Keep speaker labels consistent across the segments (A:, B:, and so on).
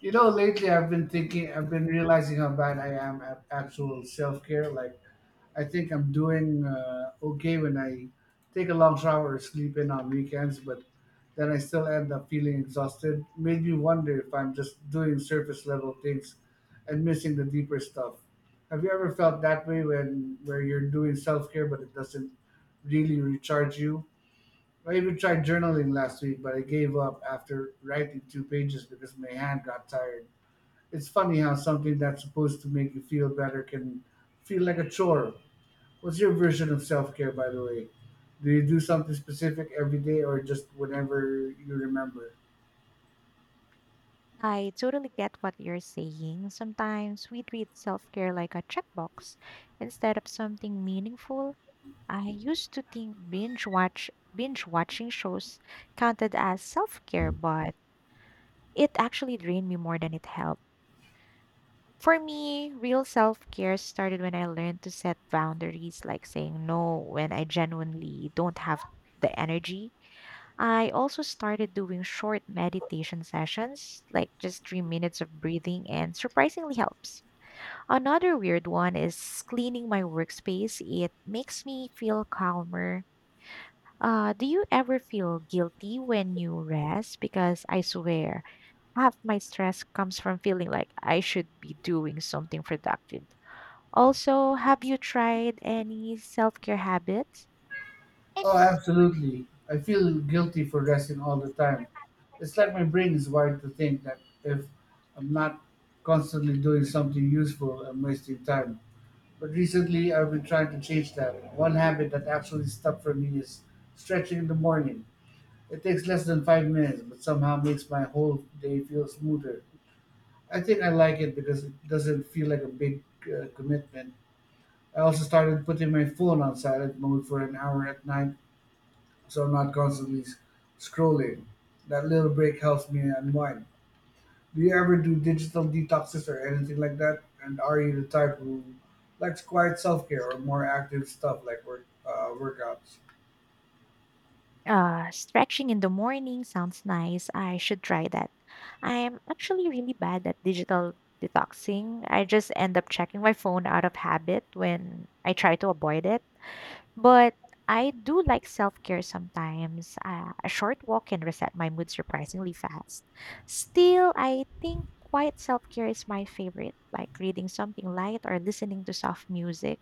A: You know, lately I've been thinking, I've been realizing how bad I am at actual self care. Like, I think I'm doing okay when I take a long shower or sleep in on weekends, but then I still end up feeling exhausted. Made me wonder if I'm just doing surface level things and missing the deeper stuff. Have you ever felt that way when where you're doing self care but it doesn't really recharge you? I even tried journaling last week, but I gave up after writing two pages because my hand got tired. It's funny how something that's supposed to make you feel better can feel like a chore. What's your version of self care, by the way? Do you do something specific every day or just whenever you remember?
B: I totally get what you're saying. Sometimes we treat self care like a checkbox instead of something meaningful. I used to think binge watching shows counted as self care, but it actually drained me more than it helped. For me, real self care started when I learned to set boundaries, like saying no when I genuinely don't have the energy. I also started doing short meditation sessions, like just 3 minutes of breathing, and surprisingly helps. Another weird one is cleaning my workspace. It makes me feel calmer. Do you ever feel guilty when you rest? Because I swear, half my stress comes from feeling like I should be doing something productive. Also, have you tried any self care habits?
A: Oh, absolutely. I feel guilty for resting all the time. It's like my brain is wired to think that if I'm not constantly doing something useful, I'm wasting time. But recently, I've been trying to change that. One habit that actually stuck for me is stretching in the morning. It takes less than 5 minutes, but somehow makes my whole day feel smoother. I think I like it because it doesn't feel like a big commitment. I also started putting my phone on silent mode for an hour at night so I'm not constantly scrolling. That little break helps me unwind. Do you ever do digital detoxes or anything like that? And are you the type who likes quiet self care or more active stuff like workouts?
B: Stretching in the morning sounds nice. I should try that. I'm actually really bad at digital detoxing. I just end up checking my phone out of habit when I try to avoid it. But I do like self care sometimes. A short walk can reset my mood surprisingly fast. Still, I think quiet self care is my favorite, like reading something light or listening to soft music.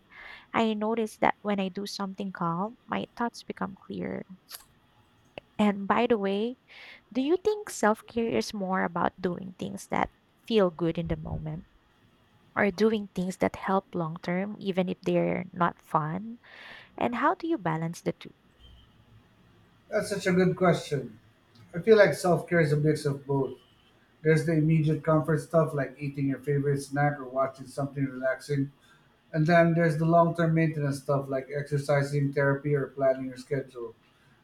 B: I notice that when I do something calm, my thoughts become clearer. And by the way, do you think self care is more about doing things that feel good in the moment or doing things that help long term, even if they're not fun? And how do you balance the two?
A: That's such a good question. I feel like self care is a mix of both. There's the immediate comfort stuff like eating your favorite snack or watching something relaxing. And then there's the long term maintenance stuff like exercising, therapy, or planning your schedule.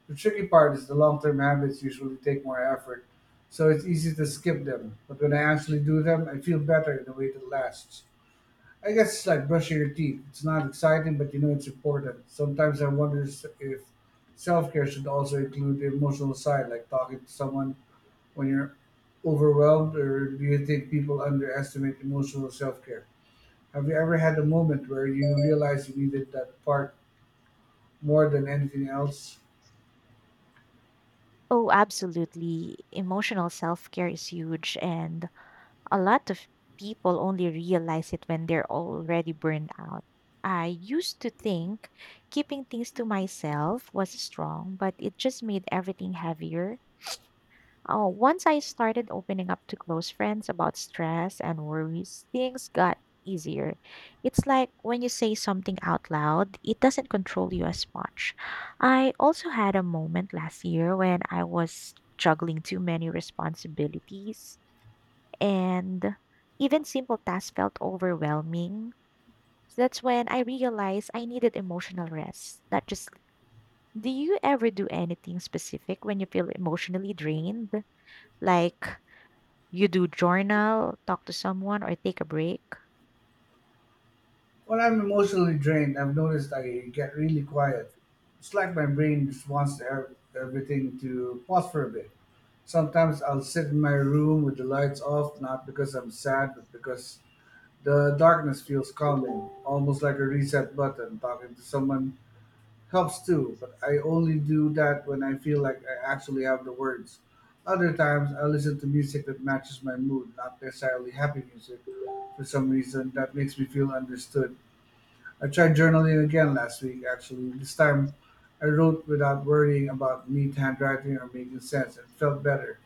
A: The tricky part is the long term habits usually take more effort, so it's easy to skip them. But when I actually do them, I feel better in a way that lasts. I guess it's like brushing your teeth. It's not exciting, but you know it's important. Sometimes I wonder if self care should also include the emotional side, like talking to someone when you're overwhelmed, or do you think people underestimate emotional self-care? Have you ever had a moment where you realized you needed that part more than anything else?
B: Oh, absolutely. Emotional self care is huge, and a lot of people only realize it when they're already burned out. I used to think keeping things to myself was strong, but it just made everything heavier. Oh, once I started opening up to close friends about stress and worries, things got easier. It's like when you say something out loud, it doesn't control you as much. I also had a moment last year when I was juggling too many responsibilities and even simple tasks felt overwhelming. So that's when I realized I needed emotional rest, not just. Do you ever do anything specific when you feel emotionally drained? Like, you do journal, talk to someone, or take a break?
A: When I'm emotionally drained, I've noticed I get really quiet. It's like my brain just wants to have everything to pause for a bit. Sometimes I'll sit in my room with the lights off, not because I'm sad, but because the darkness feels calming, almost like a reset button. Talking to someone helps too, but I only do that when I feel like I actually have the words. Other times, I listen to music that matches my mood, not necessarily happy music. For some reason, that makes me feel understood. I tried journaling again last week, actually. This time, I wrote without worrying about neat handwriting or making sense. It felt better.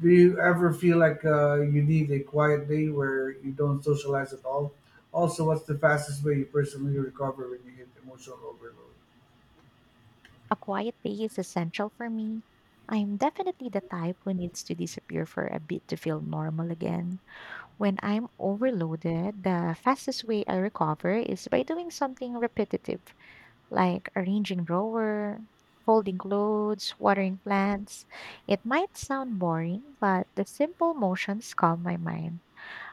A: Do you ever feel like you need a quiet day where you don't socialize at all? Also, what's the fastest way you personally recover when you hit emotional overload?
B: A quiet day is essential for me. I'm definitely the type who needs to disappear for a bit to feel normal again. When I'm overloaded, the fastest way I recover is by doing something repetitive, like arranging drawer, folding clothes, watering plants. It might sound boring, but the simple motions calm my mind.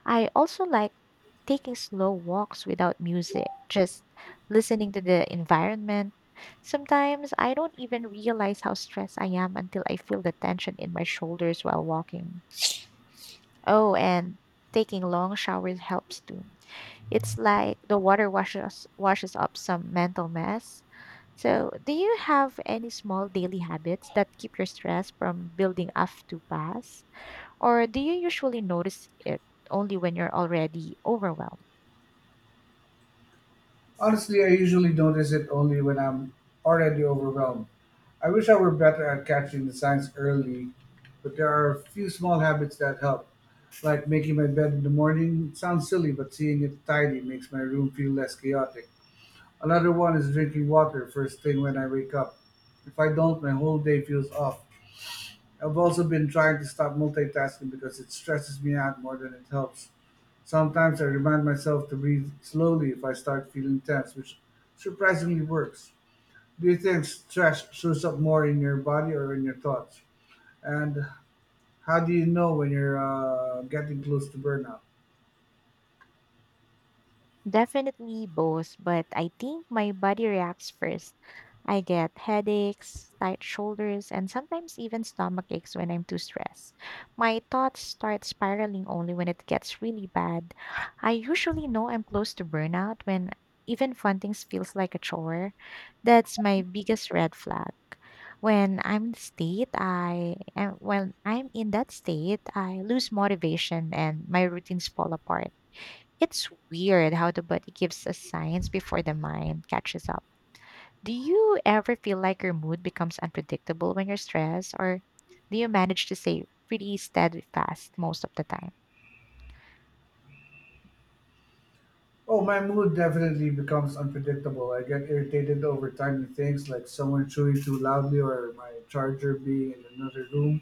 B: I also like taking slow walks without music, just listening to the environment. Sometimes I don't even realize how stressed I am until I feel the tension in my shoulders while walking. Oh, and taking long showers helps too. It's like the water washes up some mental mess. So, do you have any small daily habits that keep your stress from building up too fast? Or do you usually notice it only when you're already overwhelmed?
A: Honestly, I usually notice it only when I'm already overwhelmed. I wish I were better at catching the signs early, but there are a few small habits that help, like making my bed in the morning. It sounds silly, but seeing it tidy makes my room feel less chaotic. Another one is drinking water first thing when I wake up. If I don't, my whole day feels off. I've also been trying to stop multitasking because it stresses me out more than it helps. Sometimes I remind myself to breathe slowly if I start feeling tense, which surprisingly works. Do you think stress shows up more in your body or in your thoughts? And how do you know when you're getting close to burnout?
B: Definitely both, but I think my body reacts first. I get headaches, tight shoulders, and sometimes even stomach aches when I'm too stressed. My thoughts start spiraling only when it gets really bad. I usually know I'm close to burnout when even fun things feels like a chore. That's my biggest red flag. When I'm in that state, I lose motivation and my routines fall apart. It's weird how the body gives us signs before the mind catches up. Do you ever feel like your mood becomes unpredictable when you're stressed, or do you manage to stay pretty steadfast most of the time?
A: Oh, my mood definitely becomes unpredictable. I get irritated over tiny things like someone chewing too loudly or my charger being in another room.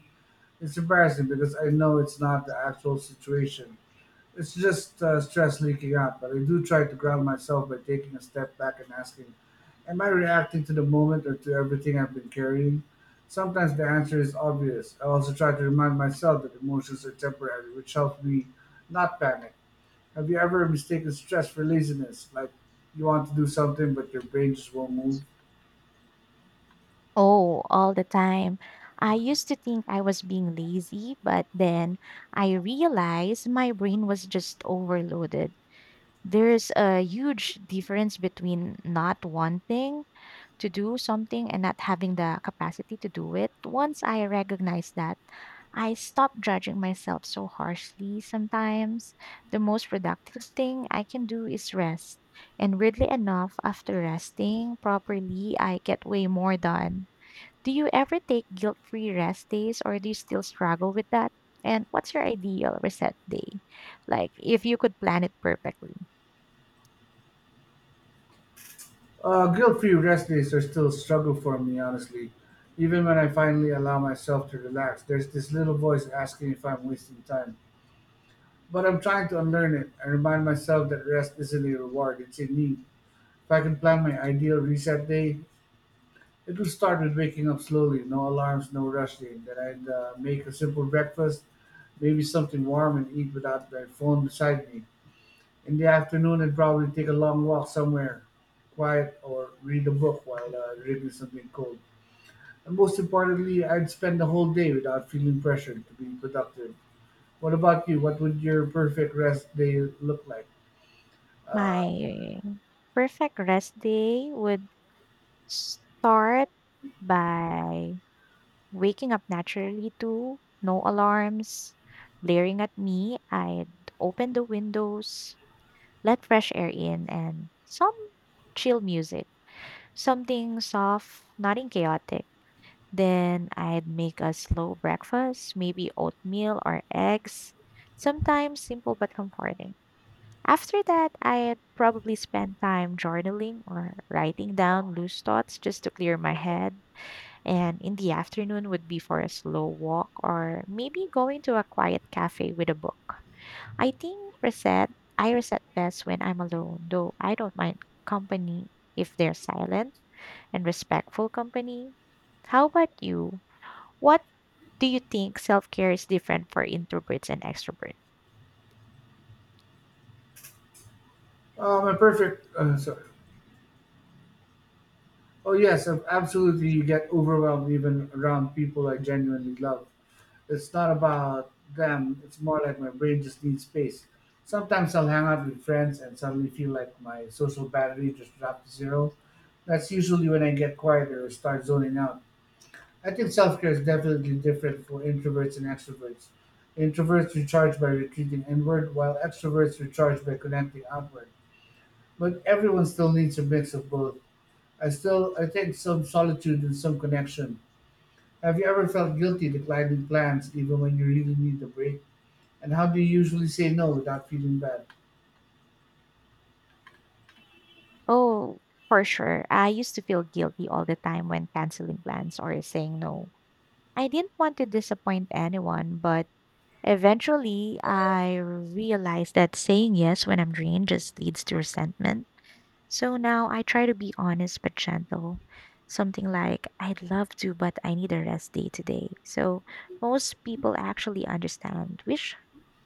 A: It's embarrassing because I know it's not the actual situation. It's just stress leaking out, but I do try to ground myself by taking a step back and asking, am I reacting to the moment or to everything I've been carrying? Sometimes the answer is obvious. I also try to remind myself that emotions are temporary, which helps me not panic. Have you ever mistaken stress for laziness? Like, you want to do something, but your brain just won't move?
B: Oh, all the time. I used to think I was being lazy, but then I realized my brain was just overloaded. There's a huge difference between not wanting to do something and not having the capacity to do it. Once I recognized that, I stop judging myself so harshly sometimes. The most productive thing I can do is rest. And weirdly enough, after resting properly, I get way more done. Do you ever take guilt free rest days or do you still struggle with that? And what's your ideal reset day? Like, if you could plan it perfectly.
A: Guilt free rest days are still a struggle for me, honestly. Even when I finally allow myself to relax, there's this little voice asking if I'm wasting time. But I'm trying to unlearn it and remind myself that rest isn't a reward, it's a need. If I can plan my ideal reset day, it will start with waking up slowly, no alarms, no rushing. Then I'd make a simple breakfast, maybe something warm, and eat without my phone beside me. In the afternoon, I'd probably take a long walk somewhere quiet or read a book while drinking something cold. And most importantly, I'd spend the whole day without feeling pressured to be productive. What about you? What would your perfect rest day look like? Uh,
B: My perfect rest day would start by waking up naturally too, no alarms, glaring at me, I'd open the windows, let fresh air in, and some chill music, something soft, nothing chaotic. Then I'd make a slow breakfast, maybe oatmeal or eggs, sometimes simple but comforting. After that, I'd probably spend time journaling or writing down loose thoughts just to clear my head, and in the afternoon would be for a slow walk or maybe going to a quiet cafe with a book. I think reset I reset best when I'm alone, though I don't mind company if they're silent and respectful company. How about you? What do you think, self-care is different for introverts and extroverts?
A: A perfect. Sorry. Oh yes, absolutely. You get overwhelmed even around people I genuinely love. It's not about them. It's more like my brain just needs space. Sometimes I'll hang out with friends and suddenly feel like my social battery just dropped to zero. That's usually when I get quieter or start zoning out. I think self care is definitely different for introverts and extroverts. Introverts recharge by retreating inward, while extroverts recharge by connecting outward. But everyone still needs a mix of both. I think some solitude and some connection. Have you ever felt guilty declining plans even when you really need a break? And how do you usually say no without feeling bad?
B: Oh, for sure. I used to feel guilty all the time when canceling plans or saying no. I didn't want to disappoint anyone, but eventually, I realized that saying yes when I'm drained just leads to resentment. So now I try to be honest but gentle. Something like, I'd love to, but I need a rest day today. So most people actually understand, which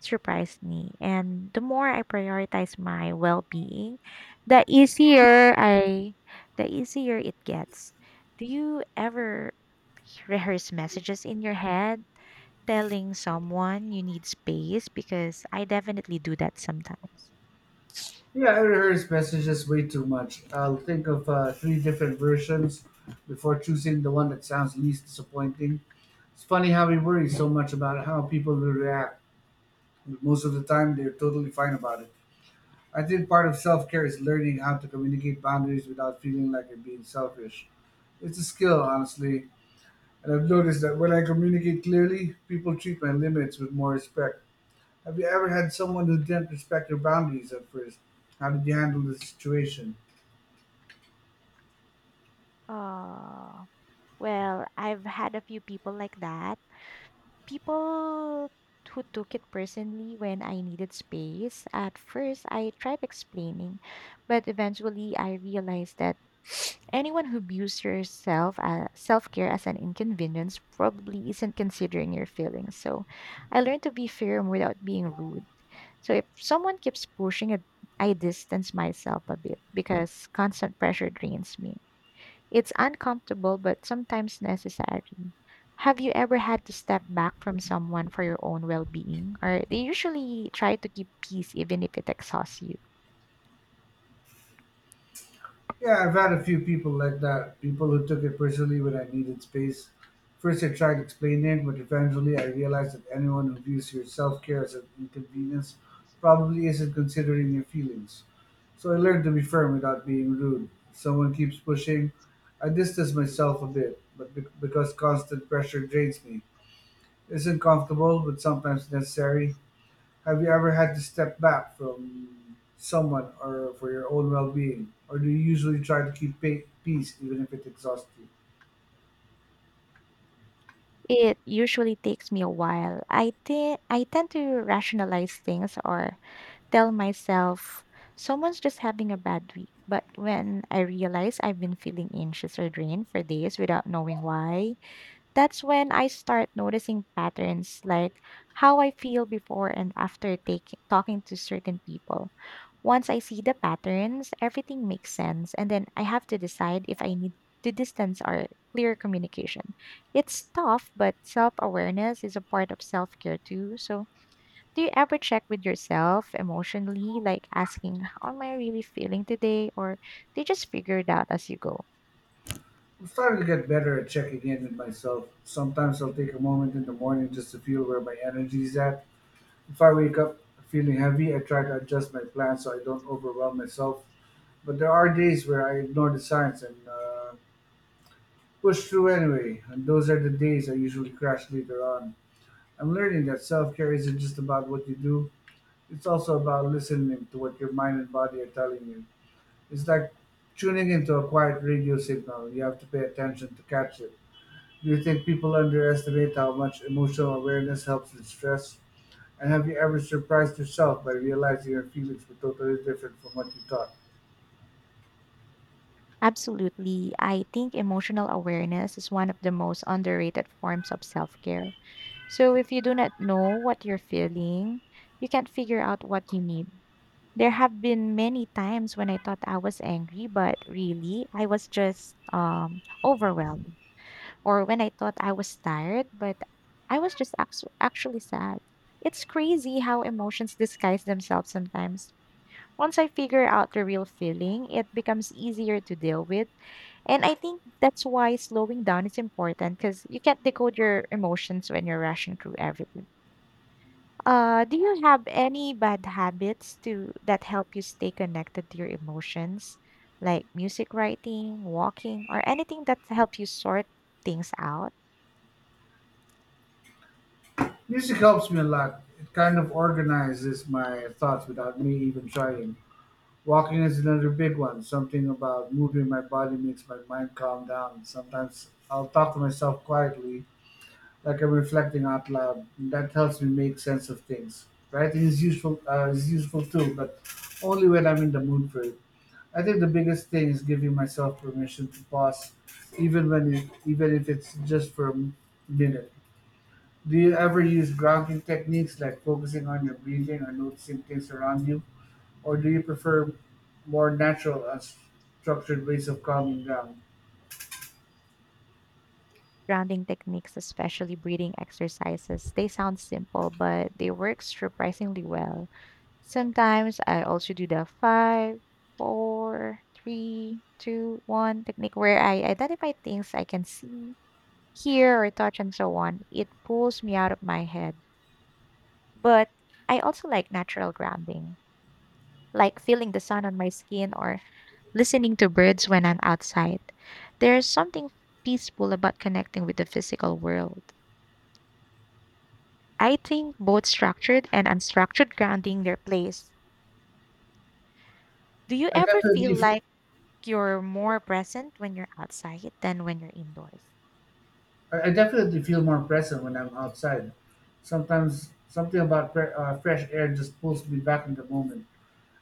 B: surprised me. And the more I prioritize my well being, the easier I the easier it gets. Do you ever rehearse messages in your head? Telling someone you need space, because I definitely do that sometimes.
A: Yeah, I rehearse messages way too much. I'll think of three different versions before choosing the one that sounds least disappointing. It's funny how we worry so much about how people will react, but most of the time they're totally fine about it. I think part of self care is learning how to communicate boundaries without feeling like you're being selfish. It's a skill, honestly. And I've noticed that when I communicate clearly, people treat my limits with more respect. Have you ever had someone who didn't respect your boundaries at first? How did you handle the situation?
B: Oh, well, I've had a few people like that. People who took it personally when I needed space. At first I tried explaining, but eventually I realized that anyone who views yourself self-care as an inconvenience probably isn't considering your feelings. So I learned to be firm without being rude. So if someone keeps pushing it, I distance myself a bit because constant pressure drains me. It's uncomfortable but sometimes necessary. Have you ever had to step back from someone for your own well being? Or they usually try to keep peace even if it exhausts you.
A: Yeah, I've had a few people like that. People who took it personally when I needed space. First, I tried explaining it, but eventually I realized that anyone who views your self care as an inconvenience probably isn't considering your feelings. So I learned to be firm without being rude. If someone keeps pushing, I distance myself a bit, because constant pressure drains me. It isn't comfortable, but sometimes necessary. Have you ever had to step back from someone or for your own well-being, or do you usually try to keep peace even if it exhausts you?
B: It usually takes me a while. I think I tend to rationalize things or tell myself someone's just having a bad week. But when I realize I've been feeling anxious or drained for days without knowing why, that's when I start noticing patterns like how I feel before and after taking talking to certain people. Once I see the patterns, everything makes sense and then I have to decide if I need to distance or clear communication. It's tough, but self-awareness is a part of self-care too. So, do you ever check with yourself emotionally, like asking how am I really feeling today, or do you just figure it out as you go?
A: I'm starting to get better at checking in with myself. Sometimes I'll take a moment in the morning just to feel where my energy is at. If I wake up feeling heavy, I try to adjust my plan so I don't overwhelm myself. But there are days where I ignore the signs and push through anyway, and those are the days I usually crash later on. I'm learning that self care isn't just about what you do. It's also about listening to what your mind and body are telling you. It's like tuning into a quiet radio signal. You have to pay attention to catch it. Do you think people underestimate how much emotional awareness helps with stress? And have you ever surprised yourself by realizing your feelings were totally different from what you thought?
B: Absolutely. I think emotional awareness is one of the most underrated forms of self care. So, if you do not know what you're feeling, you can't figure out what you need. There have been many times when I thought I was angry, but really I was just overwhelmed, or when I thought I was tired, but I was just actually sad. It's crazy how emotions disguise themselves sometimes. Once I figure out the real feeling, it becomes easier to deal with. And I think that's why slowing down is important because you can't decode your emotions when you're rushing through everything. Do you have any bad habits to that help you stay connected to your emotions, like music writing, walking, or anything that help you sort things out?
A: Music helps me a lot. It kind of organizes my thoughts without me even trying. Walking is another big one. Something about moving my body makes my mind calm down. Sometimes I'll talk to myself quietly, like a reflecting out loud. That helps me make sense of things. Writing is useful too, but only when I'm in the mood for it. I think the biggest thing is giving myself permission to pause, even if it's just for a minute. Do you ever use grounding techniques like focusing on your breathing or noticing things around you, or do you prefer more natural, structured ways of calming down?
B: Grounding techniques, especially breathing exercises, they sound simple, but they work surprisingly well. Sometimes I also do the 5, 4, 3, 2, 1 technique where I identify things I can see, hear, or touch, and so on. It pulls me out of my head. But I also like natural grounding, like feeling the sun on my skin or listening to birds when I'm outside. There's something peaceful about connecting with the physical world. I think both structured and unstructured grounding their place. Do you
A: I
B: ever
A: definitely
B: feel like you're more present when you're outside than when you're indoors?
A: I definitely feel more present when I'm outside. Sometimes something about fresh air just pulls me back in the moment.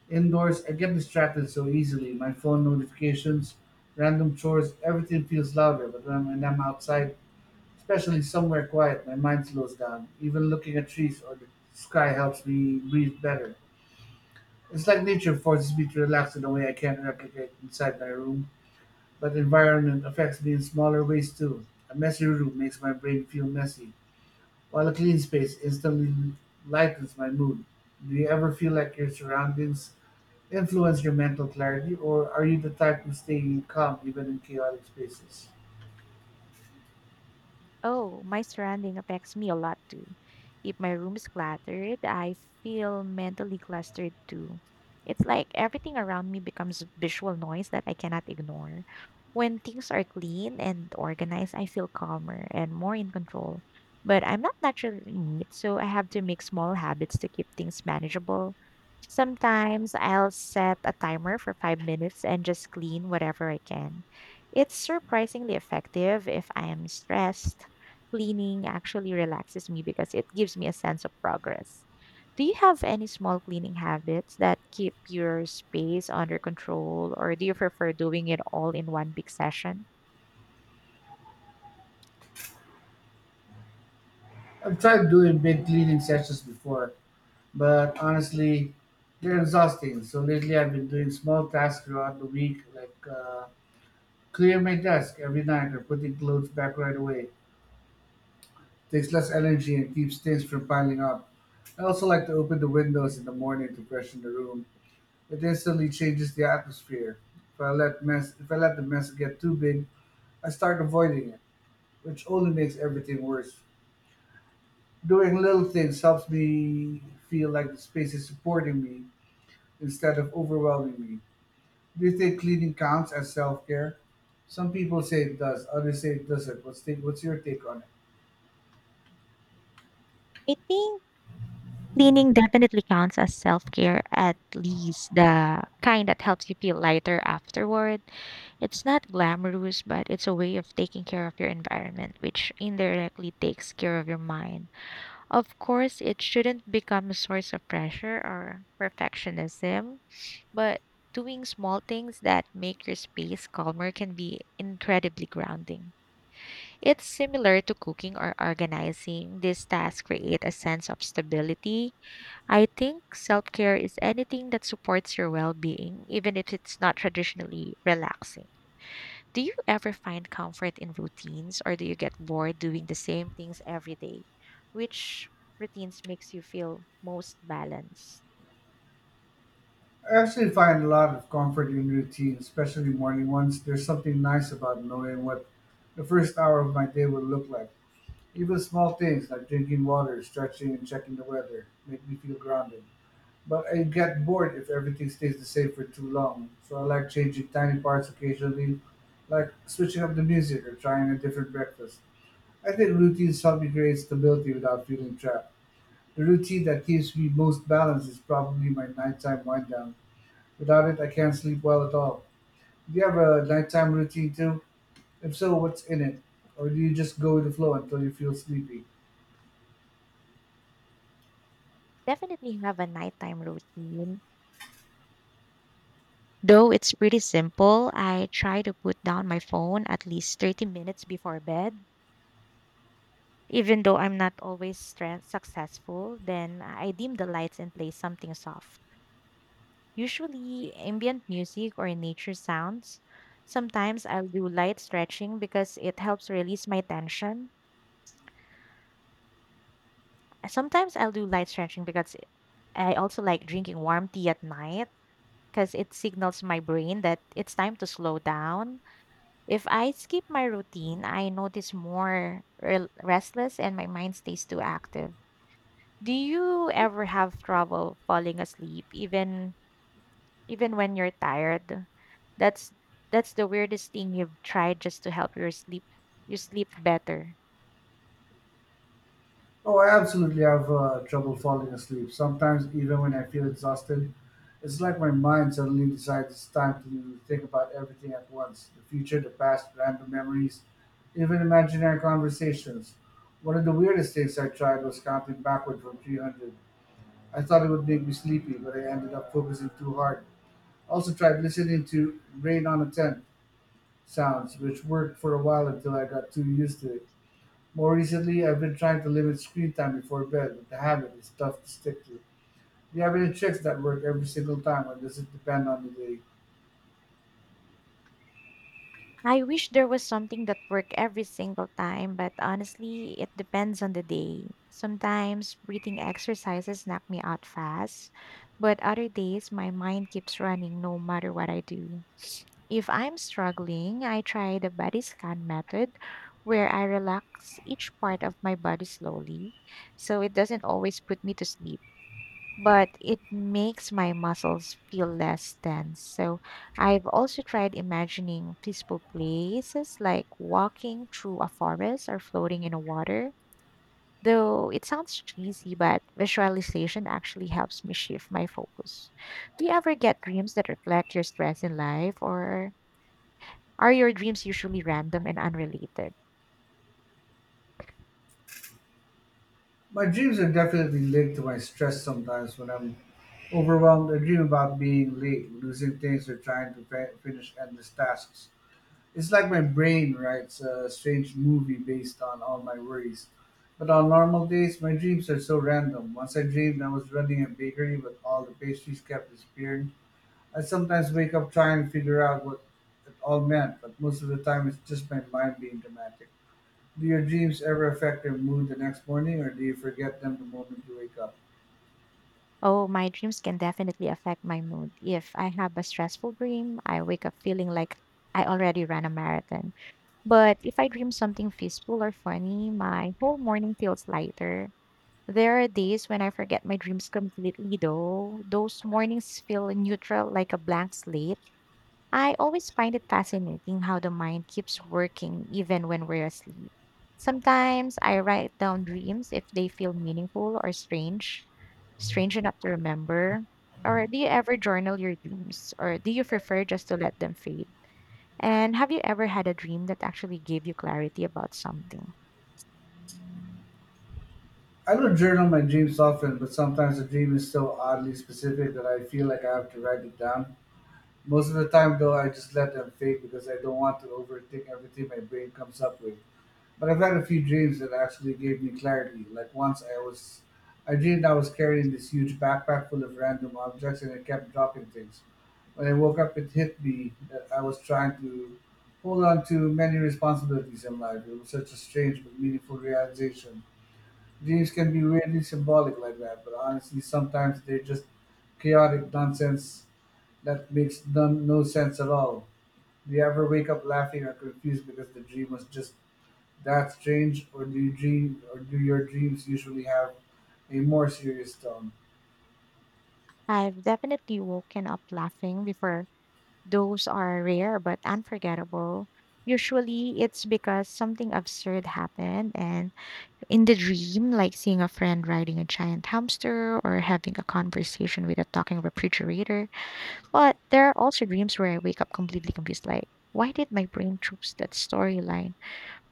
A: Indoors, I get distracted so easily. My phone notifications, random chores, everything feels louder. But when I'm outside, especially somewhere quiet, my mind slows down. Even looking at trees or the sky helps me breathe better. It's like nature forces me to relax in a way I can't replicate inside my room. But environment affects me in smaller ways too. A messy room makes my brain feel messy while a clean space instantly lightens my mood. Do you ever feel like your surroundings influence your mental clarity, or are you the type who stay calm even in chaotic spaces?
B: Oh, my surrounding affects me a lot too. If my room is cluttered, I feel mentally clustered too. It's like everything around me becomes visual noise that I cannot ignore. When things are clean and organized, I feel calmer and more in control. But I'm not naturally neat, so I have to make small habits to keep things manageable. Sometimes I'll set a timer for 5 minutes and just clean whatever I can. It's surprisingly effective if I am stressed, cleaning actually relaxes me because it gives me a sense of progress. Do you have any small cleaning habits that keep your space under control, or do you prefer doing it all in one big session?
A: I've tried doing big cleaning sessions before, but honestly, they're exhausting. So lately, I've been doing small tasks throughout the week, like clear my desk every night or putting clothes back right away. Takes less energy and keeps things from piling up. I also like to open the windows in the morning to freshen the room. It instantly changes the atmosphere. If I let the mess get too big, I start avoiding it, which only makes everything worse. Doing little things helps me feel like the space is supporting me instead of overwhelming me. Do you think cleaning counts as self care? Some people say it does, others say it doesn't. What's your take on it?
B: I think cleaning definitely counts as self care, at least the kind that helps you feel lighter afterward. It's not glamorous, but it's a way of taking care of your environment, which indirectly takes care of your mind. Of course, it shouldn't become a source of pressure or perfectionism, but doing small things that make your space calmer can be incredibly grounding. It's similar to cooking or organizing. These tasks create a sense of stability. I think self care is anything that supports your well being, even if it's not traditionally relaxing. Do you ever find comfort in routines or do you get bored doing the same things every day? Which routines makes you feel most balanced?
A: I actually find a lot of comfort in routine, especially morning ones. There's something nice about knowing what the first hour of my day will look like. Even small things like drinking water, stretching, and checking the weather make me feel grounded. But I get bored if everything stays the same for too long, so I like changing tiny parts occasionally, like switching up the music or trying a different breakfast. I think routines help me create stability without feeling trapped. The routine that keeps me most balanced is probably my nighttime wind down. Without it, I can't sleep well at all. Do you have a nighttime routine too? If so, what's in it? Or do you just go with the flow until you feel sleepy?
B: Definitely have a nighttime routine. Though it's pretty simple, I try to put down my phone at least 30 minutes before bed. Even though I'm not always successful, then I dim the lights and play something soft. Usually ambient music or nature sounds. Sometimes I'll do light stretching because it helps release my tension. Sometimes I'll do light stretching because I also like drinking warm tea at night because it signals my brain that it's time to slow down. If I skip my routine, I notice more restless and my mind stays too active. Do you ever have trouble falling asleep even when you're tired. That's that's the weirdest thing you've tried just to help your sleep you sleep better.
A: Oh, I absolutely have trouble falling asleep. Sometimes, even when I feel exhausted, it's like my mind suddenly decides it's time to think about everything at once: the future, the past, random memories, even imaginary conversations. One of the weirdest things I tried was counting backward from 300. I thought it would make me sleepy, but I ended up focusing too hard. I also tried listening to Rain on a Tent sounds, which worked for a while until I got too used to it. More recently, I've been trying to limit screen time before bed, but the habit is tough to stick to. Do you have any tricks that work every single time, or does it depend on the day?
B: I wish there was something that worked every single time, but honestly, it depends on the day. Sometimes breathing exercises knock me out fast, but other days my mind keeps running no matter what I do. If I'm struggling, I try the body scan method where I relax each part of my body slowly so it doesn't always put me to sleep, but it makes my muscles feel less tense. So I've also tried imagining peaceful places like walking through a forest or floating in a water. Though it sounds cheesy, but visualization actually helps me shift my focus. Do you ever get dreams that reflect your stress in life, or are your dreams usually random and unrelated?
A: My dreams are definitely linked to my stress sometimes when I'm overwhelmed. I dream about being late, losing things, or trying to finish endless tasks. It's like my brain writes a strange movie based on all my worries. But on normal days, my dreams are so random. Once I dreamed I was running a bakery, but all the pastries kept disappearing. I sometimes wake up trying to figure out what it all meant, but most of the time it's just my mind being dramatic. Do your dreams ever affect your mood the next morning, or do you forget them the moment you wake up?
B: Oh, my dreams can definitely affect my mood. If I have a stressful dream, I wake up feeling like I already ran a marathon. But if I dream something peaceful or funny, my whole morning feels lighter. There are days when I forget my dreams completely, though. Those mornings feel neutral, like a blank slate. I always find it fascinating how the mind keeps working even when we're asleep. Sometimes I write down dreams if they feel meaningful or strange enough to remember. Or do you ever journal your dreams, or do you prefer just to let them fade? And have you ever had a dream that actually gave you clarity about something?
A: I don't journal my dreams often, but sometimes a dream is so oddly specific that I feel like I have to write it down. Most of the time, though, I just let them fade because I don't want to overthink everything my brain comes up with. But I've had a few dreams that actually gave me clarity. Like once I dreamed I was carrying this huge backpack full of random objects and I kept dropping things. When I woke up it hit me that I was trying to hold on to many responsibilities in life. It was such a strange but meaningful realization. Dreams can be weirdly symbolic like that, but honestly sometimes they're just chaotic nonsense that makes none, no sense at all. Do you ever wake up laughing or confused because the dream was just that's strange, or do your dreams usually have a more serious tone?
B: I've definitely woken up laughing before. Those are rare but unforgettable. Usually it's because something absurd happened and in the dream, like seeing a friend riding a giant hamster or having a conversation with a talking refrigerator. But there are also dreams where I wake up completely confused, like, why did my brain choose that storyline?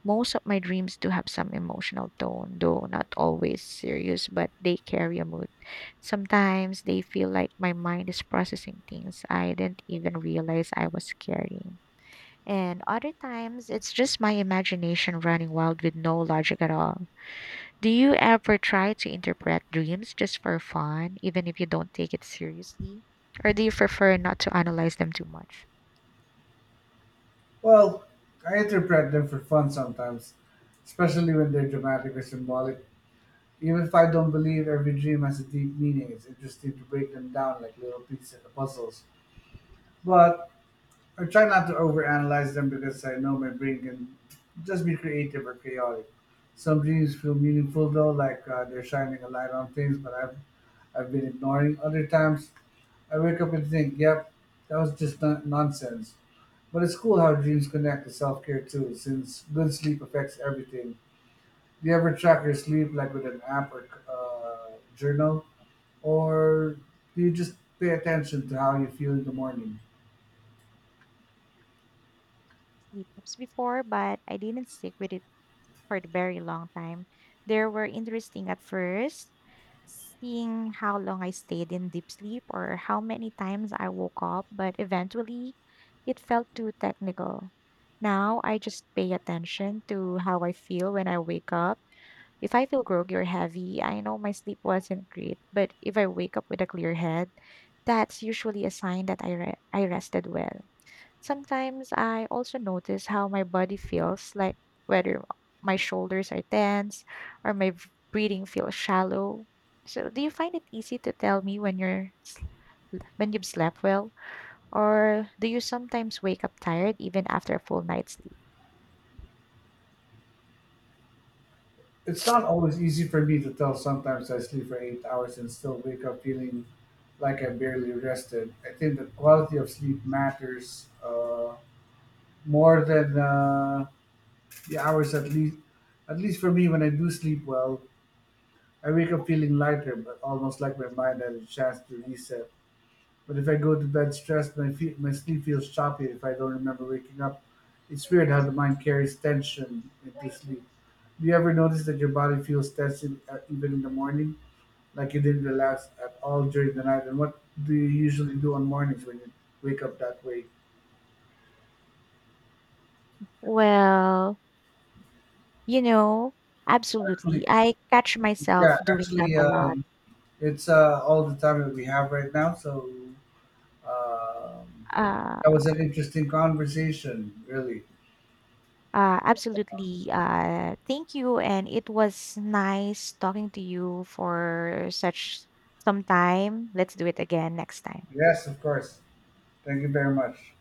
B: Most of my dreams do have some emotional tone, though not always serious, but they carry a mood. Sometimes they feel like my mind is processing things I didn't even realize I was carrying. And other times, it's just my imagination running wild with no logic at all. Do you ever try to interpret dreams just for fun, even if you don't take it seriously? Or do you prefer not to analyze them too much?
A: Well, I interpret them for fun sometimes, especially when they're dramatic or symbolic. Even if I don't believe every dream has a deep meaning, it's interesting to break them down like little pieces of the puzzles. But I try not to overanalyze them because I know my brain can just be creative or chaotic. Some dreams feel meaningful though, like they're shining a light on things, but I've been ignoring. Other times, I wake up and think, "Yep, that was just nonsense." But it's cool how dreams connect to self care too, since good sleep affects everything. Do you ever track your sleep, like with an app or journal, or do you just pay attention to how you feel in the morning?
B: Sleep ups before, but I didn't stick with it for a very long time. There were interesting at first, seeing how long I stayed in deep sleep or how many times I woke up, but eventually it felt too technical. Now I just pay attention to how I feel when I wake up. If I feel groggy or heavy, I know my sleep wasn't great, but if I wake up with a clear head, that's usually a sign that I rested well. Sometimes I also notice how my body feels, like whether my shoulders are tense or my breathing feels shallow. So, do you find it easy to tell me when you're when you've slept well, or do you sometimes wake up tired even after a full night's sleep?
A: It's not always easy for me to tell. Sometimes I sleep for 8 hours and still wake up feeling like I barely rested. I think the quality of sleep matters more than the hours, at least. At least for me, when I do sleep well, I wake up feeling lighter, but almost like my mind had a chance to reset. But if I go to bed stressed, my sleep feels choppy if I don't remember waking up. It's weird how the mind carries tension into sleep. Do you ever notice that your body feels tense even in the morning, like you didn't relax at all during the night? And what do you usually do on mornings when you wake up that way?
B: Well, You know, absolutely.
A: Actually,
B: I catch
A: yeah,
B: myself doing that
A: actually,
B: a lot.
A: um, it's all the time that we have right now. So um,
B: Uh,
A: that was an interesting conversation, really.
B: absolutely. Thank you. And it was nice talking to you for such some time. Let's do it again next time.
A: Yes, of course. Thank you very much.